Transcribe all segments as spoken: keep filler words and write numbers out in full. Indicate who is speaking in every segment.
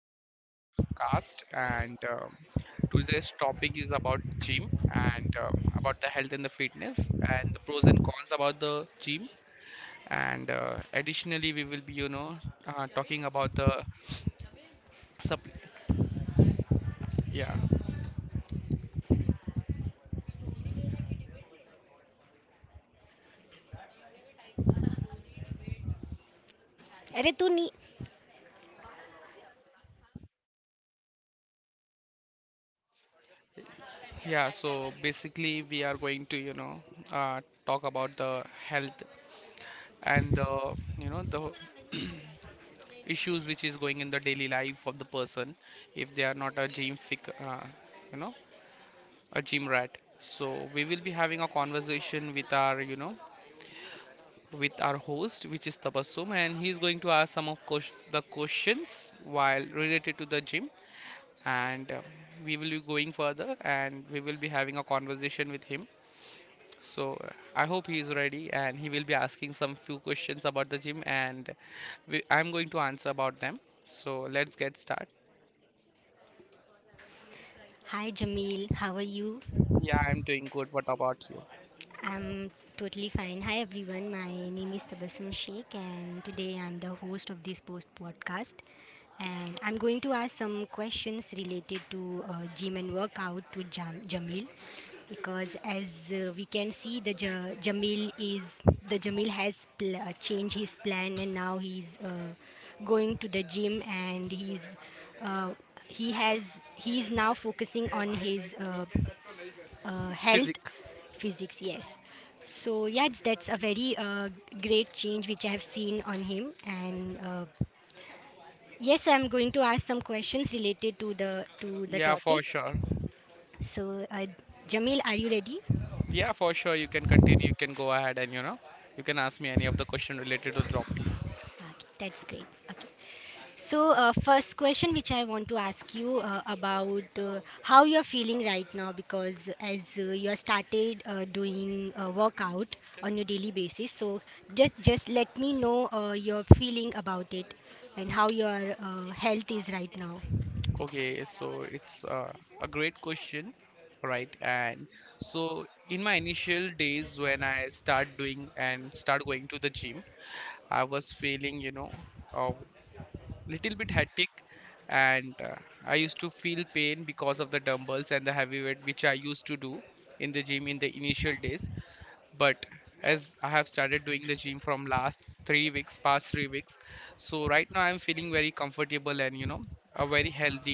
Speaker 1: we are doing a podcast, and um today's topic is about gym and um, about the health and the fitness and the pros and cons about the gym. And uh, Additionally, we will be, you know, uh, talking about the supply. Yeah,
Speaker 2: Rituni.
Speaker 1: yeah. So basically, we are going to, you know, uh, talk about the health and the, you know, the issues which is going in the daily life of the person if they are not a gym fic, uh, you know a gym rat. So we will be having a conversation with our, you know, with our host, which is Tabassum, and he's going to ask some of ques- the questions while related to the gym, and uh, we will be going further, and we will be having a conversation with him. So uh, I hope he is ready, and he will be asking some few questions about the gym, and we, I'm going to answer about them. So let's get started.
Speaker 2: Hi Jamil, how are you?
Speaker 1: Yeah, I'm doing good. What about you?
Speaker 2: I'm totally fine. Hi everyone, my name is Tabassum Sheikh and today I'm the host of this post podcast and I'm going to ask some questions related to uh, gym and workout to Jam- Jamil because as uh, we can see the Ja- Jamil is the Jamil has pl- uh, changed his plan and now he's uh, going to the gym and he's uh, he has he is now focusing on his uh, uh,
Speaker 1: Physic.
Speaker 2: health physics. Yes, so yes, that's a very uh, great change which I have seen on him and uh, yes, so I'm going to ask some questions related to the to the
Speaker 1: Yeah,
Speaker 2: topic.
Speaker 1: for sure.
Speaker 2: So uh, Jamil, are you ready?
Speaker 1: Yeah, for sure. You can continue. You can go ahead and, you know, you can ask me any of the question related to the topic.
Speaker 2: Okay, that's great. Okay. So, uh, first question which I want to ask you uh, about uh, how you're feeling right now, because as uh, you have started uh, doing uh, workout on your daily basis, so just just let me know uh, your feeling about it and how your uh, health is right now.
Speaker 1: Okay, so it's uh, a great question, right? And so in my initial days when I start doing and start going to the gym, I was feeling, you know, a little bit hectic and uh, I used to feel pain because of the dumbbells and the heavy weight which I used to do in the gym in the initial days. But as I have started doing the gym from last three weeks past three weeks, so right now I'm feeling very comfortable and you know uh, very healthy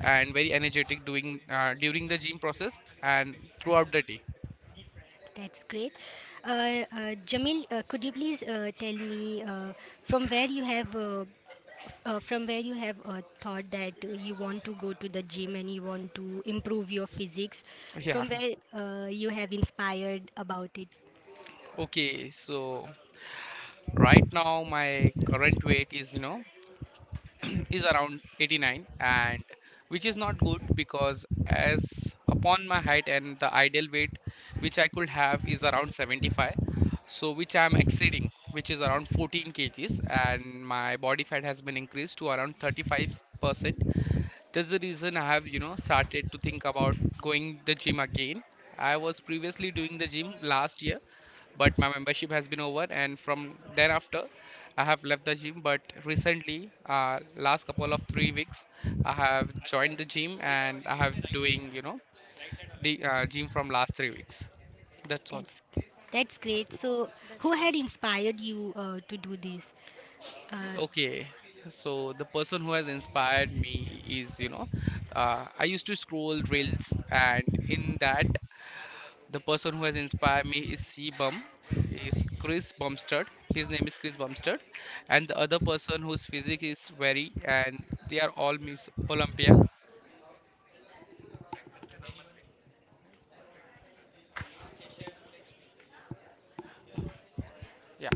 Speaker 1: and very energetic doing uh, during the gym process and throughout the day.
Speaker 2: That's great. Uh, uh, Jamil, uh, could you please uh, tell me uh, from where you have uh, uh, from where you have uh, thought that uh, you want to go to the gym and you want to improve your physics?
Speaker 1: Yeah.
Speaker 2: From where uh, you have inspired about it?
Speaker 1: Okay, so right now my current weight is you know is around eighty-nine, and which is not good because as upon my height and the ideal weight which I could have is around seventy-five, so which I am exceeding, which is around fourteen kgs, and my body fat has been increased to around thirty-five percent. That's the reason I have you know started to think about going the gym again. I was previously doing the gym last year, but my membership has been over, and from then after I have left the gym. But recently, uh, last couple of three weeks I have joined the gym, and I have doing you know the uh, gym from last three weeks.
Speaker 2: Okay,
Speaker 1: That's all.
Speaker 2: that's that's great. So who
Speaker 3: That's
Speaker 2: had
Speaker 3: great.
Speaker 2: inspired you uh, to do this? uh,
Speaker 1: Okay, so the person who has inspired me is you know uh, I used to scroll reels, and in that, the person who has inspired me is C Bum, is Chris Bumstead. His name is Chris Bumstead, and the other person whose physique is very, and they are all Miss Olympiac. Yeah.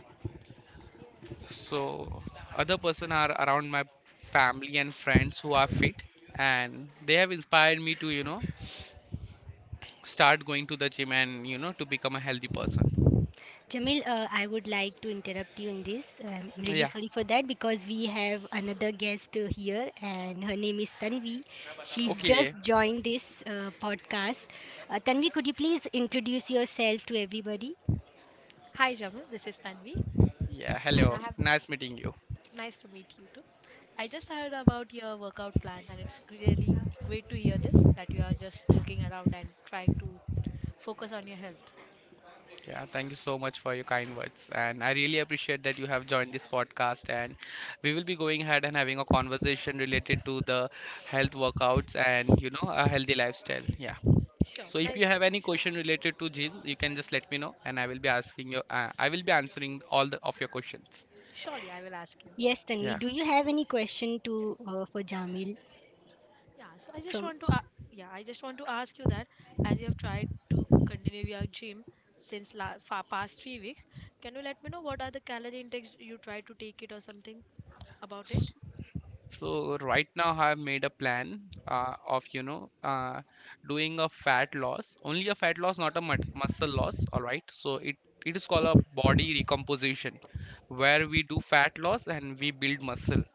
Speaker 1: So other person are around my family and friends who are fit, and they have inspired me to you know start going to the gym and you know to become a healthy person.
Speaker 2: Jamil, uh, I would like to interrupt you in this. Um, I'm really
Speaker 1: Yeah.
Speaker 2: sorry for that, because we have another guest uh, here, and her name is Tanvi. She's
Speaker 1: Okay.
Speaker 2: just joined this uh, podcast. Uh, Tanvi, could you please introduce yourself to everybody?
Speaker 3: Hi, Jamal. This is Tanvi,
Speaker 1: Yeah.
Speaker 3: and
Speaker 1: Hello.
Speaker 3: I have
Speaker 1: Nice meeting you.
Speaker 3: nice to meet you too. I just heard about your workout plan, and it's really great to hear this that you are just looking around and trying to focus on your health.
Speaker 1: Yeah, thank you so much for your kind words. And I really appreciate that you have joined this podcast. And we will be going ahead and having a conversation related to the health workouts and, you know, a healthy lifestyle. Yeah.
Speaker 3: Sure,
Speaker 1: So if
Speaker 3: that
Speaker 1: you
Speaker 3: is
Speaker 1: have any
Speaker 3: sure.
Speaker 1: question related to gym, you can just let me know, and I will be asking you, uh, I will be answering all the, of your questions.
Speaker 3: Surely, I will ask you.
Speaker 2: Yes, Tanvi.
Speaker 1: Yeah.
Speaker 2: Do you have any question to uh, for Jamil?
Speaker 3: Yeah. So I just
Speaker 2: From
Speaker 3: want to, a- yeah, I just want to ask you that as you have tried to continue your gym since la- fa- past three weeks, can you let me know what are the calorie intakes you try to take it or something about it?
Speaker 1: S- So right now I have made a plan uh, of you know uh, doing a fat loss, only a fat loss, not a mut muscle loss. All right. So it it is called a body recomposition, where we do fat loss and we build muscle.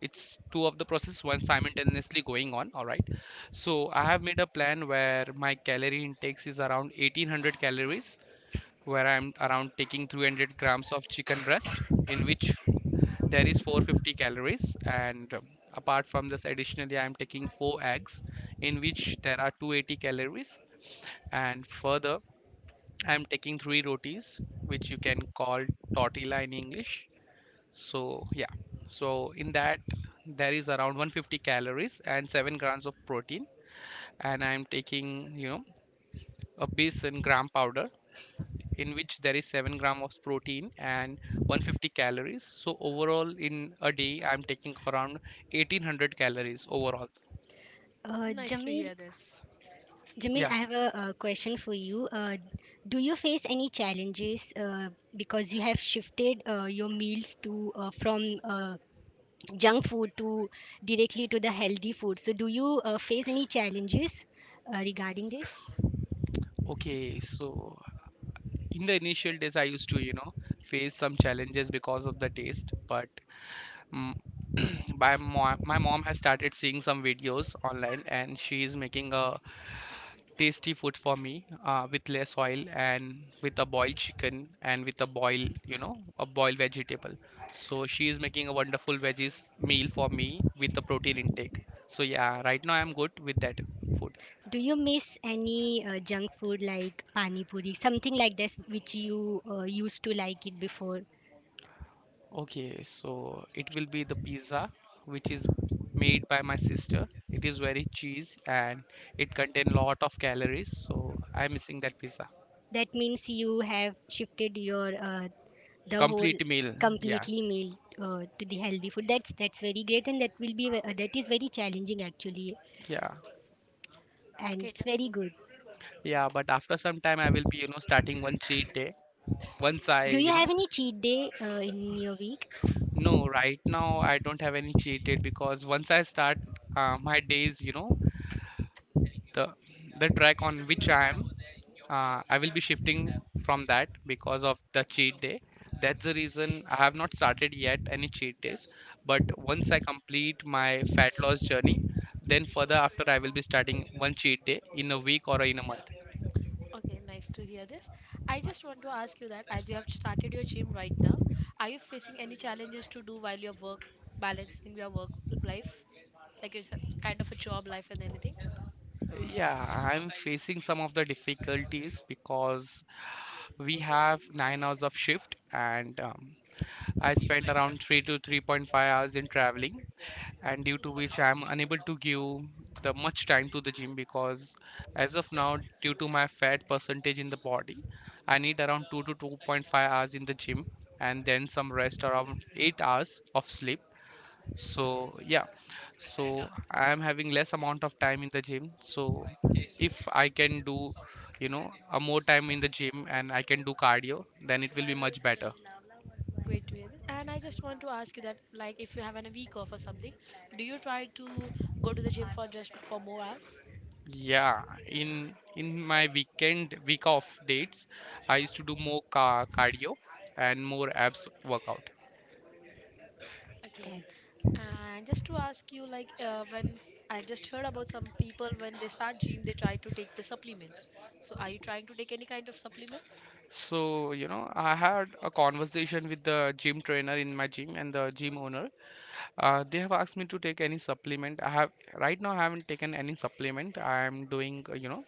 Speaker 1: It's two of the process, one simultaneously going on. All right. So I have made a plan where my calorie intakes is around eighteen hundred calories, where I'm around taking three hundred grams of chicken breast, in which there is four hundred fifty calories. And um, apart from this, additionally, I am taking four eggs, in which there are two hundred eighty calories. And further, I am taking three rotis, which you can call tortilla in English. So yeah, so in that there is around one hundred fifty calories and seven grams of protein. And I am taking you know a base in gram powder, in which there is seven gram of protein and one hundred fifty calories. So overall in a day, I'm taking around eighteen hundred calories overall.
Speaker 2: uh,
Speaker 3: Nice to
Speaker 2: Jamil,
Speaker 3: hear this.
Speaker 2: Jamil,
Speaker 1: Yeah.
Speaker 2: I have a uh, question for you. Uh, do you face any challenges uh, because you have shifted uh, your meals to uh, from uh, junk food to directly to the healthy food? So, do you uh, face any challenges uh, regarding this?
Speaker 1: Okay, so in the initial days I used to you know face some challenges because of the taste. But mm, my mom, my mom has started seeing some videos online, and she is making a tasty food for me uh, with less oil and with a boiled chicken and with a boil you know a boiled vegetable. So she is making a wonderful veggies meal for me with the protein intake. So yeah, right now I'm good with that food.
Speaker 2: Do you miss any uh, junk food like pani puri, something like this, which you uh, used to like it before?
Speaker 1: Okay, so it will be the pizza which is made by my sister. It is very cheese and it contain lot of calories, so I'm missing that pizza.
Speaker 2: That means you have shifted your uh, the whole
Speaker 1: Complete meal. Yeah,
Speaker 2: completely meal uh, to the healthy food. That's that's very great, and that will be ve- uh, that is very challenging actually,
Speaker 1: yeah.
Speaker 2: and
Speaker 3: Okay,
Speaker 2: it's
Speaker 3: Ja-
Speaker 2: very good.
Speaker 1: Yeah,
Speaker 3: Nice.
Speaker 1: but after some time I will be you know starting one cheat day once I,
Speaker 2: Do you
Speaker 1: you
Speaker 2: have
Speaker 1: know,
Speaker 2: any cheat day uh, in your week?
Speaker 1: No, right now I don't have any cheated because once I start uh, my days, you know, the the track on which I am, uh, I will be shifting from that because of the cheat day. That's the reason I have not started yet any cheat days. But once I complete my fat loss journey, then further after I will be starting one cheat day in a week or in a month.
Speaker 3: Okay, nice to hear this. I just want to ask you that as you have started your gym right now, are you facing any challenges to do while your work balancing your work life? Like it's a kind of a job life and anything.
Speaker 1: Yeah, I'm facing some of the difficulties because we have nine hours of shift, and um, I spend around three to three point five hours in traveling, and due to which I am unable to give the much time to the gym because as of now, due to my fat percentage in the body, I need around two to two point five hours in the gym and then some rest around eight hours of sleep. So, yeah, so I am having less amount of time in the gym. So if I can do, you know, a more time in the gym and I can do cardio, then it will be much better.
Speaker 3: Great to hear this. And I just want to ask you that like if you have an a week off or something, do you try to go to the gym for just for more hours?
Speaker 1: Yeah, in in my weekend week off dates, I used to do more ca cardio and more abs workout.
Speaker 3: Okay.
Speaker 2: That's
Speaker 3: And just to ask you like uh, when I just heard about some people when they start gym they try to take the supplements. So are you trying to take any kind of supplements?
Speaker 1: So, you know, I had a conversation with the gym trainer in my gym and the gym owner. Uh, they have asked me to take any supplement. I have right now I haven't taken any supplement. I am doing, uh, you know,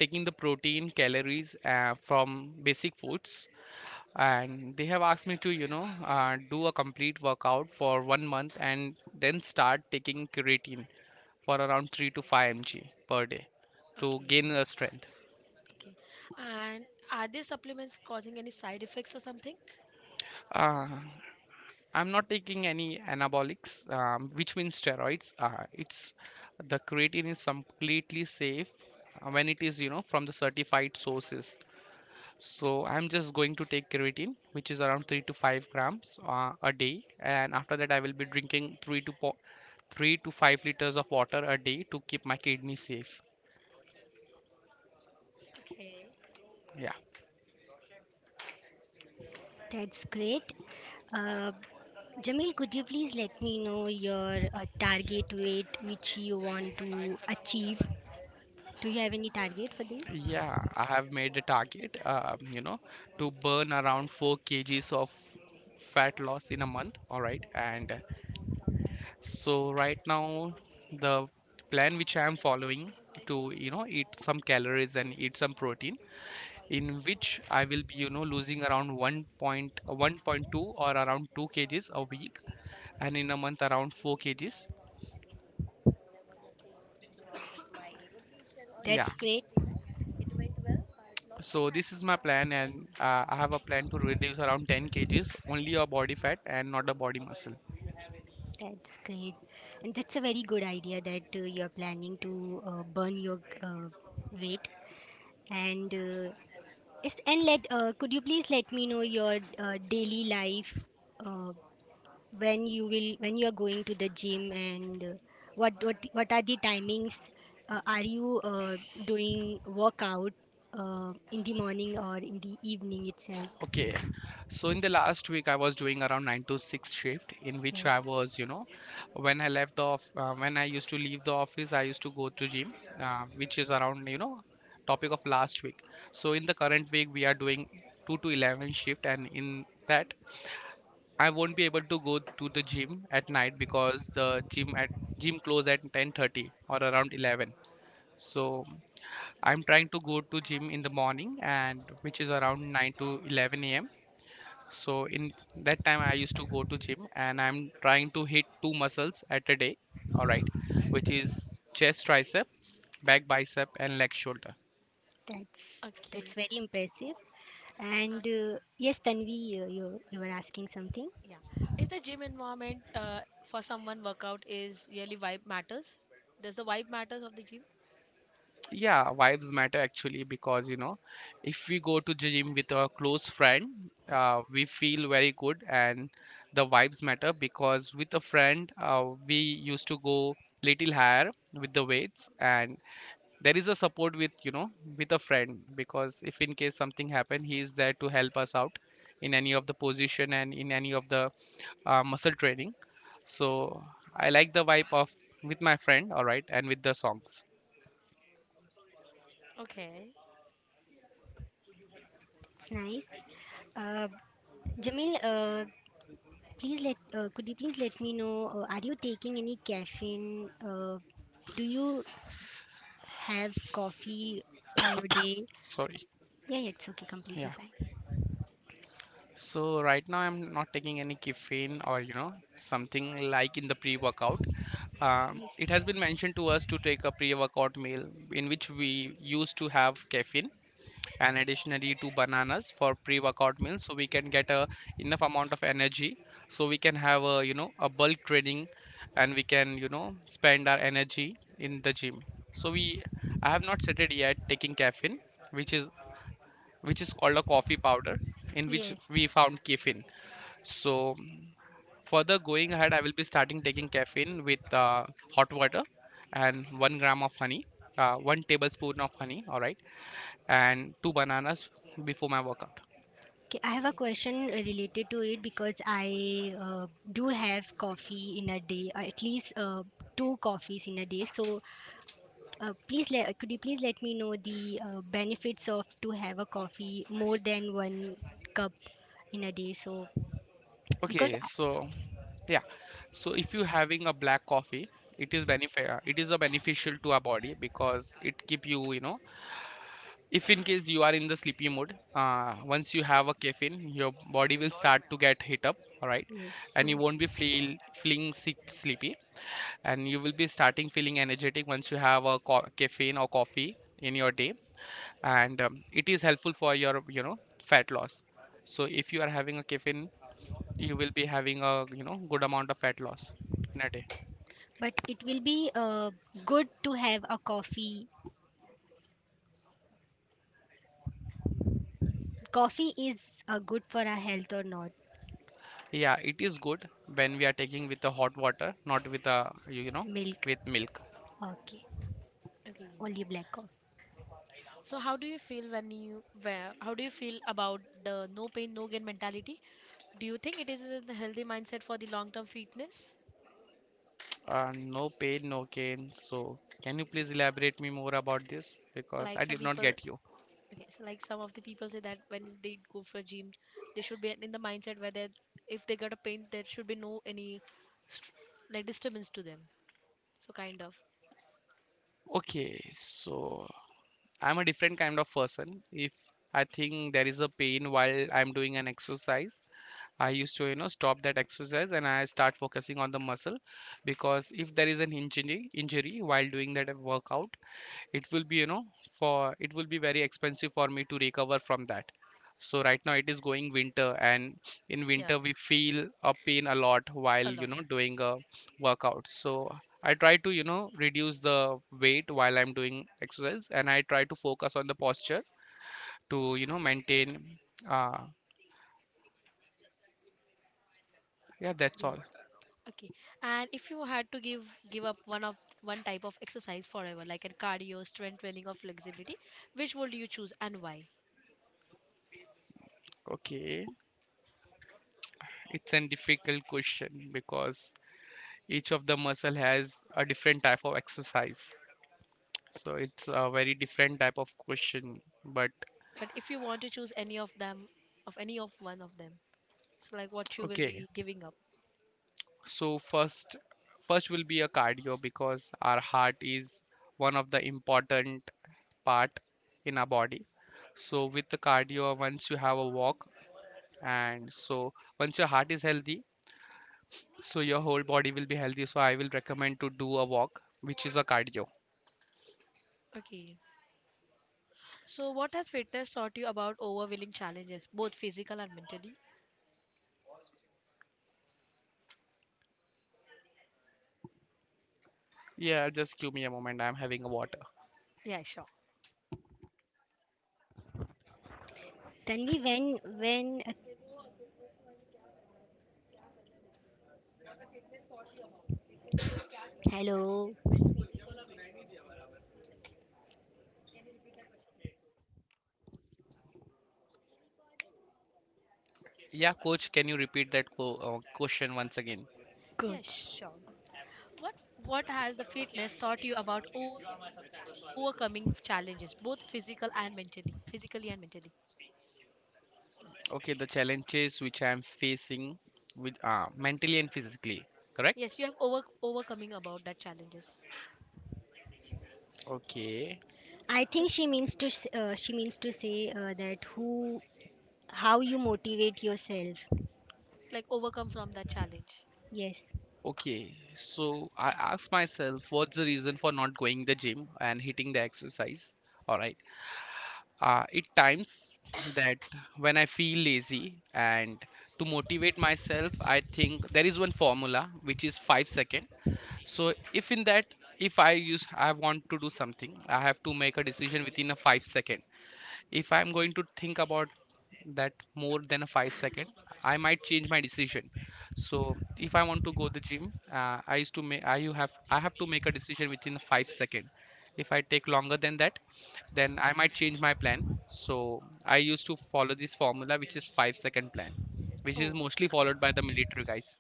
Speaker 1: taking the protein, calories uh, from basic foods, and they have asked me to you know uh, do a complete workout for one month and then start taking creatine for around three to five milligrams per day to gain
Speaker 3: Okay,
Speaker 1: the strength.
Speaker 3: okay. And are these supplements causing any side effects or something?
Speaker 1: uh, I'm not taking any anabolics, um, which means steroids. Uh, it's The creatine is completely safe uh, when it is you know from the certified sources. So I'm just going to take creatine, which is around three to five grams uh, a day, and after that I will be drinking three to po- three to five liters of water a day to keep my kidney safe.
Speaker 3: Okay,
Speaker 1: Yeah,
Speaker 2: that's great. Uh, Jamil, could you please let me know your uh, target weight which you want to achieve? Do you have any target for this?
Speaker 1: yeah. I have made a target, um, you know, to burn around four kgs of fat loss in a month. All right, and uh, so right now the plan which I am following to you know eat some calories and eat some protein, in which I will be, you know, losing around one point one point two or around two kgs a week, and in a month around four kgs.
Speaker 2: That's
Speaker 1: Yeah,
Speaker 2: stay great.
Speaker 1: so this is my plan, and uh, I have a plan to reduce around ten kgs, only a body fat and not a body muscle.
Speaker 2: That's great. And that's a very good idea that uh, you're planning to uh, burn your uh, weight. And uh, yes, and let uh, could you please let me know your uh, daily life? Uh, when you will when you are going to the gym and uh, what what what are the timings uh, are you uh, doing workout uh, in the morning or in the evening itself?
Speaker 1: Okay. So in the last week, I was doing around nine to six shift, in which I
Speaker 2: Yes,
Speaker 1: was, you know, when I left the off, uh, when I used to leave the office, I used to go to gym, uh, which is around, you know, topic of last week. So in the current week, we are doing two to eleven shift, and in that, I won't be able to go to the gym at night because the gym at gym close at ten thirty or around eleven. So I'm trying to go to gym in the morning, and which is around nine to eleven a m. So in that time I used to go to gym, and I'm trying to hit two muscles at a day, all right, which is chest tricep, back bicep, and leg shoulder.
Speaker 2: that's that's
Speaker 3: okay.
Speaker 2: very impressive. And
Speaker 3: Uh,
Speaker 2: uh, yes, Tanvi, uh, you you were asking something.
Speaker 3: Yeah. Is the gym environment uh, for someone workout is really vibe matters? Does the vibe matters of the gym?
Speaker 1: Yeah, vibes matter actually, because you know if we go to gym with a close friend, uh, we feel very good. And the vibes matter because with a friend, uh, we used to go little higher with the weights. And there is a support, with you know, with a friend, because if in case something happen, he is there to help us out in any of the position and in any of the uh, muscle training. So I like the vibe of with my friend, all right, and with the songs.
Speaker 3: Okay,
Speaker 2: It's nice. Uh, Jamil, uh, please let uh, could you please let me know, uh, are you taking any caffeine, uh, do you have coffee in your day?
Speaker 1: Sorry.
Speaker 2: Yeah, yeah, it's okay,
Speaker 1: Yeah,
Speaker 2: completely fine.
Speaker 1: so right now I'm not taking any caffeine or you know something like in the pre-workout. Um, it
Speaker 2: Yes,
Speaker 1: has been mentioned to us to take a pre-workout meal in which we used to have caffeine, and additionally two bananas for pre-workout meals, so we can get a enough amount of energy, so we can have a you know a bulk training, and we can you know spend our energy in the gym. So we I have not started yet taking caffeine, which is which is called a coffee powder in which
Speaker 2: yes.
Speaker 1: we found caffeine. So further going ahead, I will be starting taking caffeine with uh, hot water and one gram of honey, uh, one tablespoon of honey, all right, and two bananas before my workout.
Speaker 2: Okay, I have a
Speaker 3: okay.
Speaker 2: question related to it, because I uh, do have coffee in a day, uh, at least uh, two coffees in a day. So, uh, please let uh, could you please let me know the uh, benefits of to have a coffee more than one cup in a day? So, because
Speaker 1: Okay,
Speaker 2: I,
Speaker 1: so yeah, so if you having a black coffee, it is benefit it is a beneficial to our body, because it keep you, you know if in case you are in the sleepy mood, uh, once you have a caffeine, your body will start to get hit up, all right,
Speaker 2: yes,
Speaker 1: and you won't
Speaker 2: yes,
Speaker 1: be feel feeling sleep, sleepy, and you will be starting feeling energetic once you have a co- caffeine or coffee in your day. And um, it is helpful for your, you know, fat loss. So if you are having a caffeine, you will be having a, you know, good amount of fat loss in a day.
Speaker 2: but it will be uh, good to have a coffee. Coffee is uh, good for our health or not?
Speaker 1: Yeah, it is good when we are taking with the hot water, not with a you you know,
Speaker 2: Milk.
Speaker 1: with milk.
Speaker 2: Okay. Only
Speaker 3: Okay.
Speaker 2: black coffee.
Speaker 3: So how do you feel when you where how do you feel about the no pain no gain mentality? Do you think it is a healthy mindset for the long term fitness?
Speaker 1: Uh, no pain no gain, so can you please elaborate me more about this, because
Speaker 3: Like
Speaker 1: I
Speaker 3: some
Speaker 1: did not
Speaker 3: people.
Speaker 1: get you.
Speaker 3: Okay, so like some of the people say that when they go for gym, they should be in the mindset where they, if they got a pain, there should be no any str like disturbance to them. So kind of.
Speaker 1: Okay, so I'm a different kind of person. If I think there is a pain while I'm doing an exercise, I used to you know stop that exercise, and I start focusing on the muscle, because if there is an injury injury while doing that workout, it will be you know, for it will be very expensive for me to recover from that. So right now it is going winter, and in
Speaker 3: Yeah,
Speaker 1: winter we feel a pain a lot while
Speaker 3: a
Speaker 1: you know
Speaker 3: lot.
Speaker 1: doing a workout. So I try to you know reduce the weight while I'm doing exercise, and I try to focus on the posture, to you know maintain. uh yeah, that's
Speaker 3: The-
Speaker 1: all.
Speaker 3: Okay, and if you had to give give up one of one type of exercise forever, like a cardio, strength training, or flexibility, which would you choose and why?
Speaker 1: Okay, it's a difficult question, because each of the muscle has a different type of exercise. So it's a very different type of question, but
Speaker 3: But if you want to choose any of them, of any of one of them, so like what you will
Speaker 1: okay.
Speaker 3: be giving up.
Speaker 1: So first, first will be a cardio because our heart is one of the important part in our body. So with the cardio, once you have a walk, and so once your heart is healthy, so your whole body will be healthy. So I will recommend to do a walk, which is a cardio.
Speaker 3: Okay. So, what has fitness taught you about overwhelming challenges, both physical and mentally?
Speaker 1: Yeah, just give me a moment. I'm having a water.
Speaker 3: Yeah, sure.
Speaker 2: Tanvi, when when uh, hello,
Speaker 1: Yeah, coach, can you repeat that co- uh, question once again?
Speaker 3: Yes,
Speaker 2: coach.
Speaker 3: sure. What What has the fitness taught you about overcoming challenges, both physical and mentally? Physically and mentally.
Speaker 1: Okay, the challenges which I am facing with uh, mentally and physically, correct?
Speaker 3: Yes, you have over overcoming about that challenges,
Speaker 1: Okay,
Speaker 2: I think she means to s- uh, she means to say uh, that who how you motivate yourself.
Speaker 3: like overcome from that challenge.
Speaker 2: Yes,
Speaker 1: okay. So I ask myself, what's the reason for not going the gym and hitting the exercise? All right. Uh, it times that when I feel lazy, and to motivate myself, I think there is one formula which is five second. So if in that, if I use, I want to do something, I have to make a decision within a five second. If I'm going to think about that more than a five second, I might change my decision. So if I want to go the gym, uh, I used to make I you have I have to make a decision within five second. If I take longer than that, then I might change my plan. So I used to follow this formula, which is five second plan, which is
Speaker 3: Oh,
Speaker 1: mostly followed
Speaker 3: great!
Speaker 1: by the military guys.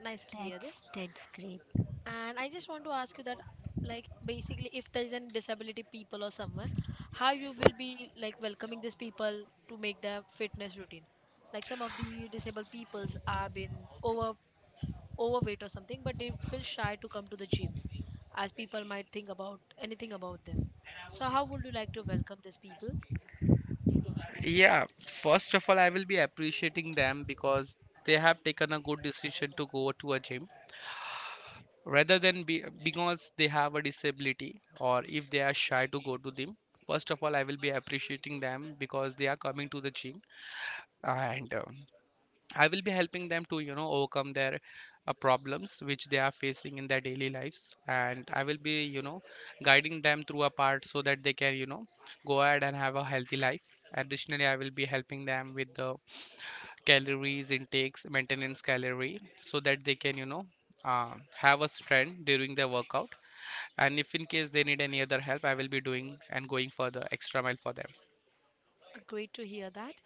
Speaker 3: Nice to hear this.
Speaker 2: that's that's great.
Speaker 3: And I just want to ask you that, like, basically, if there is any disability people or someone, how you will be like welcoming these people to make their fitness routine. Like some of the disabled peoples are been over overweight or something, but they feel shy to come to the gyms, as people might think about anything about them. So how would you like to welcome these people?
Speaker 1: Yeah, first of all, I will be appreciating them because they have taken a good decision to go to a gym, rather than be, because they have a disability or if they are shy to go to gym. First of all, I will be appreciating them because they are coming to the gym. And uh, I will be helping them to you know overcome their uh, problems which they are facing in their daily lives, and I will be you know guiding them through a part, so that they can you know go ahead and have a healthy life. Additionally, I will be helping them with the calories intakes, maintenance calorie, so that they can you know uh, have a strength during their workout. And if in case they need any other help, I will be doing and going for the extra mile for them.
Speaker 3: Uh, Great to hear that.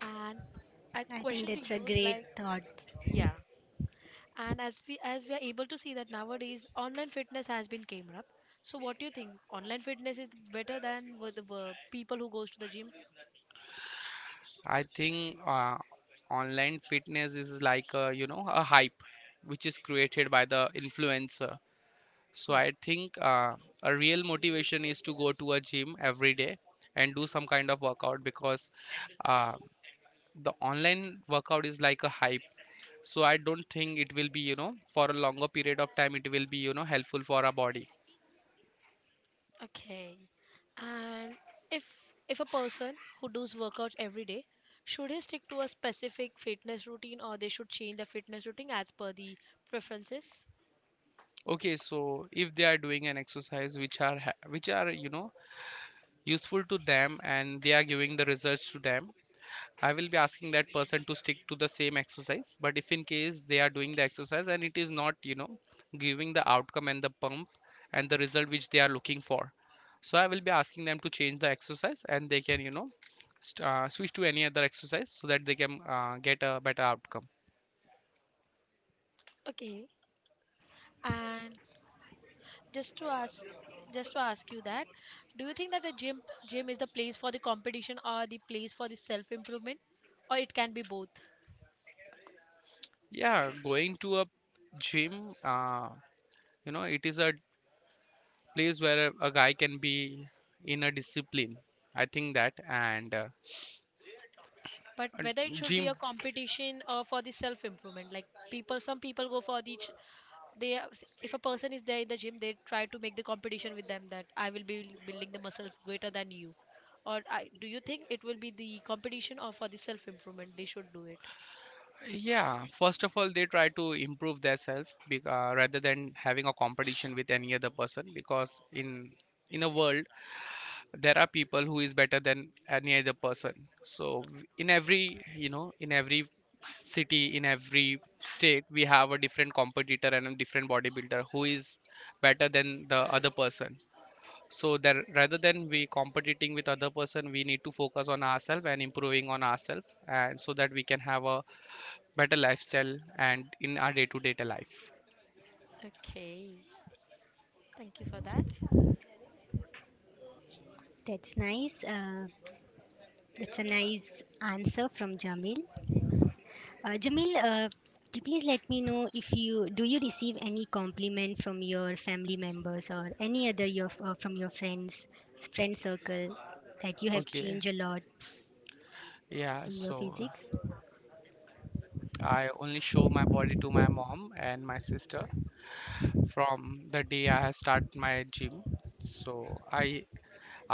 Speaker 3: And a
Speaker 2: I think
Speaker 3: question to
Speaker 2: that's a
Speaker 3: you,
Speaker 2: great
Speaker 3: like,
Speaker 2: thought.
Speaker 3: yeah, and as we as we are able to see that nowadays online fitness has been came up, so what do you think online fitness is better than with the wo- people who goes to the gym?
Speaker 1: I think uh, online fitness is like a, you know, a hype which is created by the influencer. So
Speaker 3: Yeah.
Speaker 1: I think uh, a real motivation is to go to a gym every day and do some kind of workout, because uh, the online workout is like a hype. So I don't think it will be you know for a longer period of time it will be you know helpful for our body.
Speaker 3: Okay, and if if a person who does workouts every day should he stick to a specific fitness routine or they should change the fitness routine as per the preferences.
Speaker 1: Okay, so if they are doing an exercise which are ha- which are you know useful to them, and they are giving the results to them, I will be asking that person to stick to the same exercise. But if in case they are doing the exercise and it is not you know giving the outcome and the pump and the result which they are looking for, so I will be asking them to change the exercise, and they can you know st- uh, switch to any other exercise so that they can uh, get a better outcome.
Speaker 3: Okay, and just to ask just to ask you that do you think that a gym gym is the place for the competition or the place for the self improvement, or it can be both?
Speaker 1: Yeah, going to a gym, uh, you know, it is a place where a a guy can be in a discipline, I think that. and uh,
Speaker 3: But
Speaker 1: and
Speaker 3: whether it should be
Speaker 1: gym.
Speaker 3: a competition or for the self improvement, like people, some people go for the ch- they are- if a person is there in the gym they try to make the competition with them that I will be building the muscles greater than you or I, do you think it will be the competition or for the self improvement they should do it?
Speaker 1: Yeah, first of all, they try to improve themselves, bec- uh, rather than having a competition with any other person. Because in in a world there are people who is better than any other person. So w- in every you know in every city, in every state, we have a different competitor and a different bodybuilder who is better than the other person. So that rather than we competing with other person, we need to focus on ourselves and improving on ourselves, and so that we can have a better lifestyle and in our day-to-day life.
Speaker 3: Okay, thank you for that.
Speaker 2: That's nice. Uh, it's a nice answer from Jamil. Uh, Jamil, uh, t- please let me know, if you do you receive any compliment from your family members or any other your uh, from your friends friend circle that you have
Speaker 1: Okay,
Speaker 2: changed a lot
Speaker 1: yeah,
Speaker 2: in your
Speaker 1: so
Speaker 2: physics?
Speaker 1: I only show my body to my mom and my sister from the day I have start my gym. So I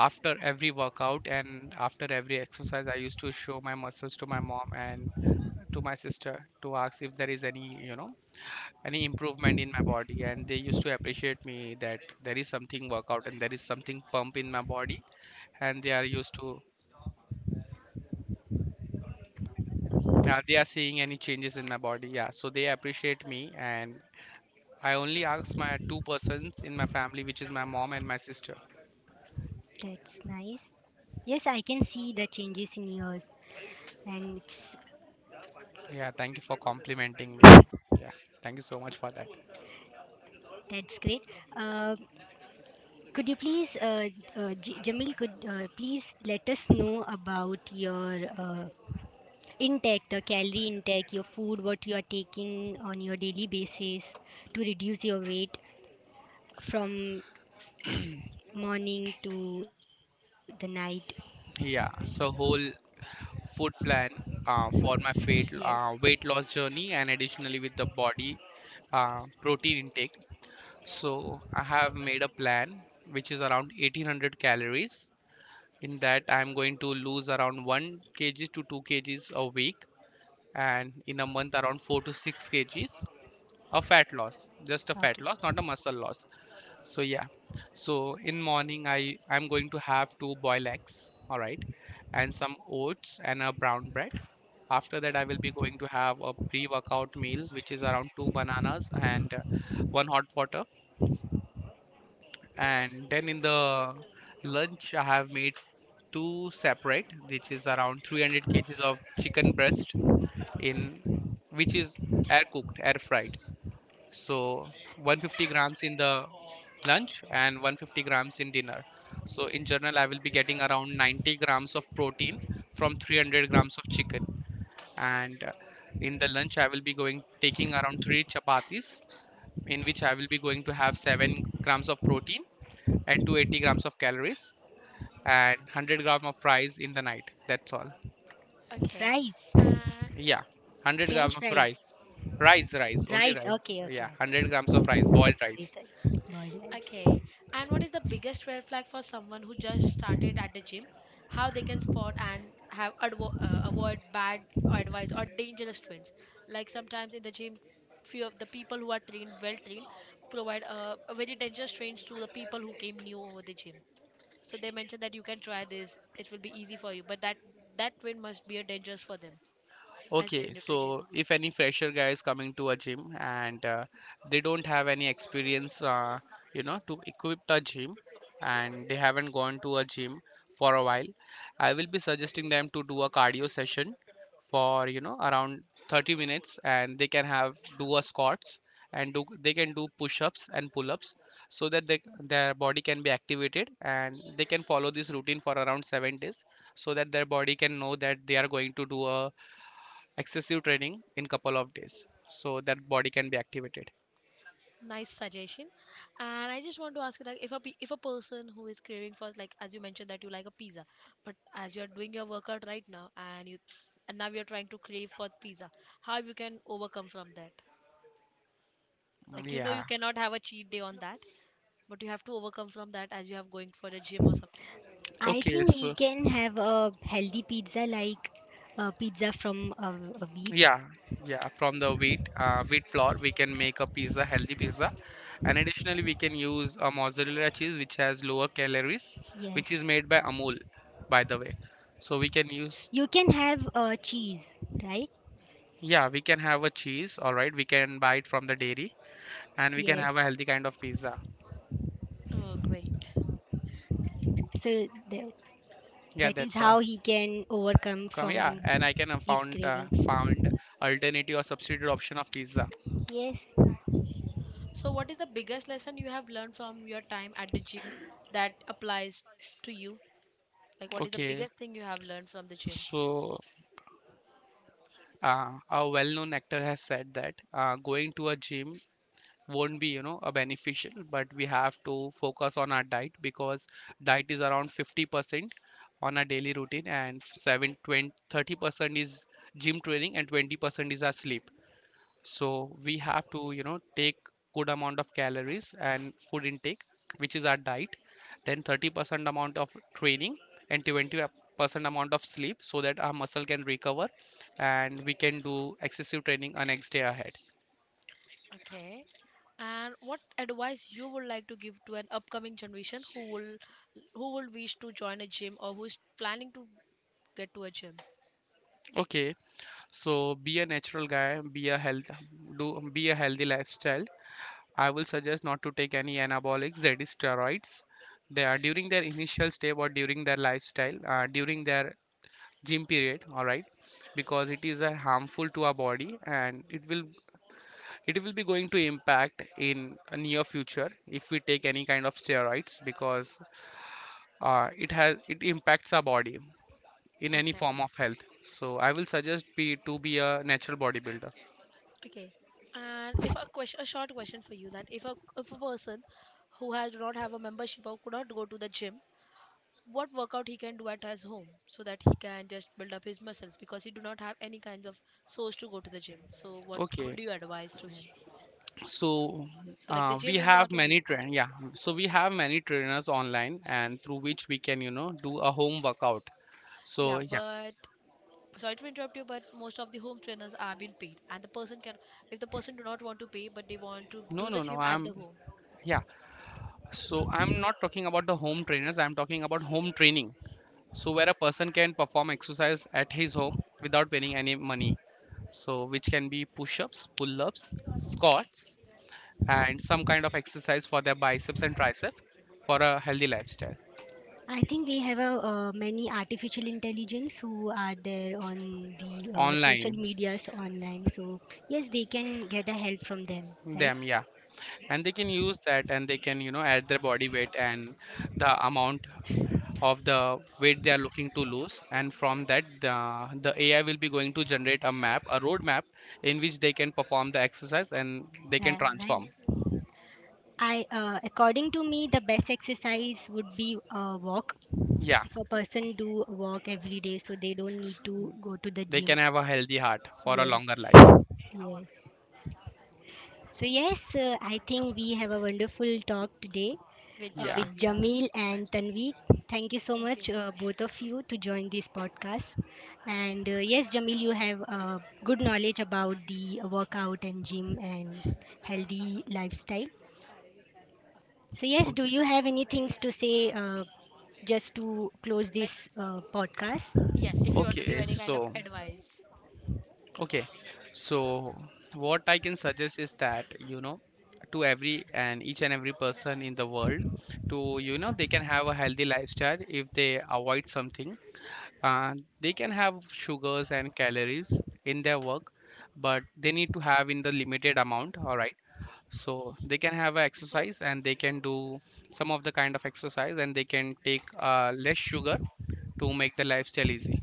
Speaker 1: After every workout and after every exercise, I used to show my muscles to my mom and to my sister, to ask if there is any you know any improvement in my body. And they used to appreciate me that there is something workout and there is something pump in my body. And they are used to uh, They are seeing any changes in my body. Yeah, so they appreciate me. And I only ask my two persons in my family, which is my mom and my sister.
Speaker 2: That's nice. Yes, I can see the changes in yours, and it's
Speaker 1: Yeah, thank you for complimenting me. Yeah, thank you so much for that.
Speaker 2: that's great. Uh, could you please, uh, uh, J- Jamil, could uh, please let us know about your uh, intake the calorie intake, your food, what you are taking on your daily basis to reduce your weight from morning to the night?
Speaker 1: Yeah, so whole food plan uh, for my
Speaker 2: Yes.
Speaker 1: weight uh, weight loss journey, and additionally with the body uh, protein intake. So I have made a plan which is around eighteen hundred calories. In that, I am going to lose around one k g to two kgs a week, and in a month, around four to six kgs. A fat loss, just a fat
Speaker 2: Okay.
Speaker 1: loss, not a muscle loss. So yeah. So in morning, I I'm going to have two boiled eggs, all right, and some oats and a brown bread. After that, I will be going to have a pre-workout meal, which is around two bananas and uh, one hot water. And then in the lunch, I have made two separate, which is around three hundred kgs of chicken breast, in which is air cooked, air fried. So one hundred fifty grams in the lunch and one hundred fifty grams in dinner. So in general, I will be getting around ninety grams of protein from three hundred grams of chicken. And uh, in the lunch I will be going taking around three chapatis, in which I will be going to have seven grams of protein and two hundred eighty grams of calories, and one hundred gram of rice in the night. That's all.
Speaker 3: Okay.
Speaker 2: Fries.
Speaker 3: Uh,
Speaker 1: Yeah, one hundred grams
Speaker 2: French
Speaker 1: of
Speaker 2: fries.
Speaker 1: rice. Rice, rice, only
Speaker 2: Rice.
Speaker 1: rice.
Speaker 2: Okay,
Speaker 1: Yeah,
Speaker 2: okay.
Speaker 1: one hundred grams of rice,
Speaker 2: Okay,
Speaker 1: boiled
Speaker 2: sorry,
Speaker 1: rice.
Speaker 2: sorry, boiled rice.
Speaker 3: okay. And what is the biggest red flag for someone who just started at the gym? How they can spot and have advo- uh, avoid bad advice or dangerous trends? Like sometimes in the gym, few of the people who are trained, well trained, provide uh, a very dangerous trends to the people who came new over the gym. So they mentioned that you can try this; it will be easy for you. But that that trend must be a dangerous for them as they're
Speaker 1: Okay,
Speaker 3: new to gym.
Speaker 1: so if any fresher guy is coming to a gym and uh, they don't have any experience, uh, you know, to equip a gym and they haven't gone to a gym for a while, I will be suggesting them to do a cardio session for, you know, around thirty minutes and they can have do a squats and do they can do push-ups and pull-ups so that they, their body can be activated and they can follow this routine for around seven days so that their body can know that they are going to do a excessive training in couple of days so that body can be activated.
Speaker 3: Nice suggestion. And I just want to ask you like if a pe- if a person who is craving for like as you mentioned that you like a pizza but as you're doing your workout right now and you and now you're trying to crave for pizza, how you can overcome from that, like you know
Speaker 1: Yeah.
Speaker 3: you cannot have a cheat day on that but you have to overcome from that as you have going for the gym or something.
Speaker 2: I
Speaker 1: Okay,
Speaker 2: think he
Speaker 1: so
Speaker 2: can have a healthy pizza, like a pizza from a, a wheat.
Speaker 1: yeah, yeah, from the wheat uh, wheat flour we can make a pizza, healthy pizza. And additionally we can use a mozzarella cheese which has lower calories, which is
Speaker 2: Yes.
Speaker 1: made by Amul, by the way, so we can use.
Speaker 2: You can have a cheese, right?
Speaker 1: Yeah, we can have a cheese, all right, we can buy it from the dairy and we can have a
Speaker 2: Yes.
Speaker 1: healthy kind of pizza.
Speaker 3: Oh, great.
Speaker 2: So the,
Speaker 1: Yeah,
Speaker 2: that is
Speaker 1: that's all.
Speaker 2: how he can overcome
Speaker 1: Come, yeah,
Speaker 2: from
Speaker 1: and I can uh,
Speaker 2: his
Speaker 1: found uh,
Speaker 2: craving.
Speaker 1: found alternative or substitute option of pizza.
Speaker 2: Yes.
Speaker 3: So what is the biggest lesson you have learned from your time at the gym that applies to you, like what is the
Speaker 1: Okay,
Speaker 3: biggest thing you have learned from the gym?
Speaker 1: so uh, a well-known actor has said that uh, going to a gym won't be, you know, a beneficial, but we have to focus on our diet because diet is around fifty percent on our daily routine and seven twenty thirty percent is gym training and twenty percent is our sleep. So we have to, you know, take good amount of calories and food intake, which is our diet, then thirty percent amount of training and twenty percent amount of sleep so that our muscle can recover and we can do excessive training a next day ahead.
Speaker 3: Okay. And what advice you would like to give to an upcoming generation who will who will wish to join a gym or who's planning to get to a gym?
Speaker 1: Okay, so be a natural guy, be a health, do be a healthy lifestyle. I will suggest not to take any anabolics, that is steroids, they are during their initial step or during their lifestyle, uh, during their gym period, all right, because it is uh, harmful to our body and it will, it will be going to impact in a near future if we take any kind of steroids because uh, it has, it impacts our body in any
Speaker 3: Okay.
Speaker 1: form of health. So I will suggest be to be a natural bodybuilder.
Speaker 3: Okay. And if a question, a short question for you that if a if a person who has do not have a membership or could not go to the gym, what workout he can do at his home so that he can just build up his muscles because he do not have any kinds of source to go to the gym. So what would
Speaker 1: Okay,
Speaker 3: you advise to him?
Speaker 1: so
Speaker 3: So like the
Speaker 1: uh, we
Speaker 3: gym is
Speaker 1: have
Speaker 3: not only
Speaker 1: many
Speaker 3: important.
Speaker 1: train yeah so we have many trainers online and through which we can, you know, do a home workout, so
Speaker 3: Yeah,
Speaker 1: yeah.
Speaker 3: but sorry to interrupt you but most of the home trainers are being paid and the person can, if the person do not want to pay but they want to
Speaker 1: no
Speaker 3: do
Speaker 1: no
Speaker 3: the
Speaker 1: no
Speaker 3: gym at
Speaker 1: I'm,
Speaker 3: the home.
Speaker 1: yeah, so I'm not talking about the home trainers, I'm talking about home training. So where a person can perform exercise at his home without paying any money. So which can be push-ups, pull-ups, squats and some kind of exercise for their biceps and tricep for a healthy lifestyle.
Speaker 2: I think we have a, uh, many artificial intelligence who are there on the uh, social
Speaker 1: Online
Speaker 2: medias online. So yes, they can get a help from them, right?
Speaker 1: them, yeah. And they can use that and they can, you know, add their body weight and the amount of the weight they are looking to lose, and from that the, the A I will be going to generate a map, a road map in which they can perform the exercise and they can
Speaker 2: Yeah,
Speaker 1: transform.
Speaker 2: nice. I uh, according to me, the best exercise would be a walk.
Speaker 1: Yeah,
Speaker 2: If a person do walk every day, so they don't need to go to the
Speaker 1: they
Speaker 2: gym.
Speaker 1: can have a healthy heart for a longer
Speaker 2: Yes,
Speaker 1: life.
Speaker 2: yes. So, yes, uh, I think we have a wonderful talk today
Speaker 3: With
Speaker 2: uh,
Speaker 1: Yeah.
Speaker 2: with
Speaker 3: Jamil, yeah.
Speaker 2: Jamil and Tanveer. Thank you so
Speaker 3: Thank you.
Speaker 2: much, uh, both of you, to join this podcast. And uh, yes, Jamil, you have uh, good knowledge about the workout and gym and healthy lifestyle. So, yes, do
Speaker 1: okay
Speaker 2: you have any things to say uh, just to close
Speaker 3: Like,
Speaker 2: this uh, podcast?
Speaker 3: yes, if you want to give
Speaker 1: okay
Speaker 3: any kind of
Speaker 1: so
Speaker 3: advice.
Speaker 1: okay so what I can suggest is that, you know, to every and each and every person in the world, to, you know, they can have a healthy lifestyle if they avoid something. Uh, they can have sugars and calories in their work, but they need to have in the limited amount, all right? So they can have a exercise and they can do some of the kind of exercise and they can take uh, less sugar to make the lifestyle easy.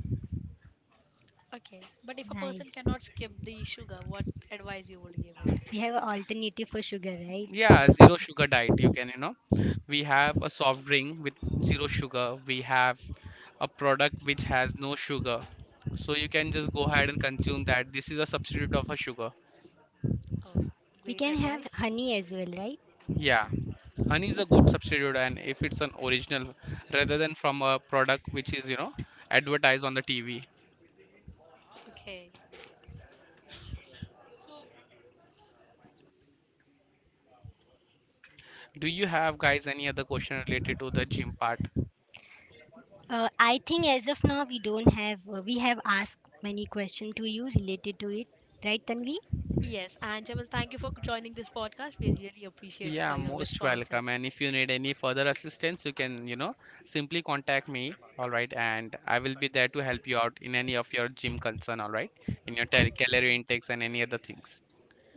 Speaker 3: Okay, but if a person
Speaker 2: Nice.
Speaker 3: cannot skip the sugar what advice you would give it?
Speaker 2: We have an alternative for sugar, right?
Speaker 1: Yeah,
Speaker 3: Yeah.
Speaker 1: zero sugar diet, you can, you know. We have a soft drink with zero sugar. We have a product which has no sugar. So you can just go ahead and consume that. This is a substitute of a sugar.
Speaker 3: Oh,
Speaker 2: We
Speaker 3: great
Speaker 2: can have
Speaker 3: advice.
Speaker 2: honey as well, right?
Speaker 1: Yeah. Honey is a good substitute, and if it's an original rather than from a product which is, you know, advertised on the T V.
Speaker 3: Okay.
Speaker 1: Do you have guys any other question related to the gym part?
Speaker 2: Uh, I think as of now we don't have uh, we have asked many questions to you related to it, right, Tanvi?
Speaker 3: Yes, and Jamal, thank you for joining this podcast. We really appreciate
Speaker 1: Yeah,
Speaker 3: for your
Speaker 1: most welcome, and
Speaker 3: responses.
Speaker 1: if you need any further assistance, you can, you know, simply contact me, all right, and I will be there to help you out in any of your gym concern, all right, in your tel-
Speaker 3: Thank you so
Speaker 1: calorie
Speaker 3: much.
Speaker 1: intakes and any other things.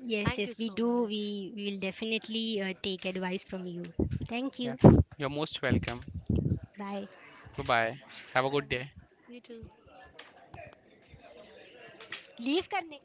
Speaker 2: Yes,
Speaker 3: Thank
Speaker 2: yes,
Speaker 3: you
Speaker 2: we
Speaker 3: so
Speaker 2: do.
Speaker 3: much.
Speaker 2: We we will definitely uh, take advice from you. Thank
Speaker 1: Yeah,
Speaker 2: you.
Speaker 1: you're most welcome.
Speaker 2: Bye.
Speaker 1: Bye bye, have a good day.
Speaker 3: Bye. You too.
Speaker 2: Leave karne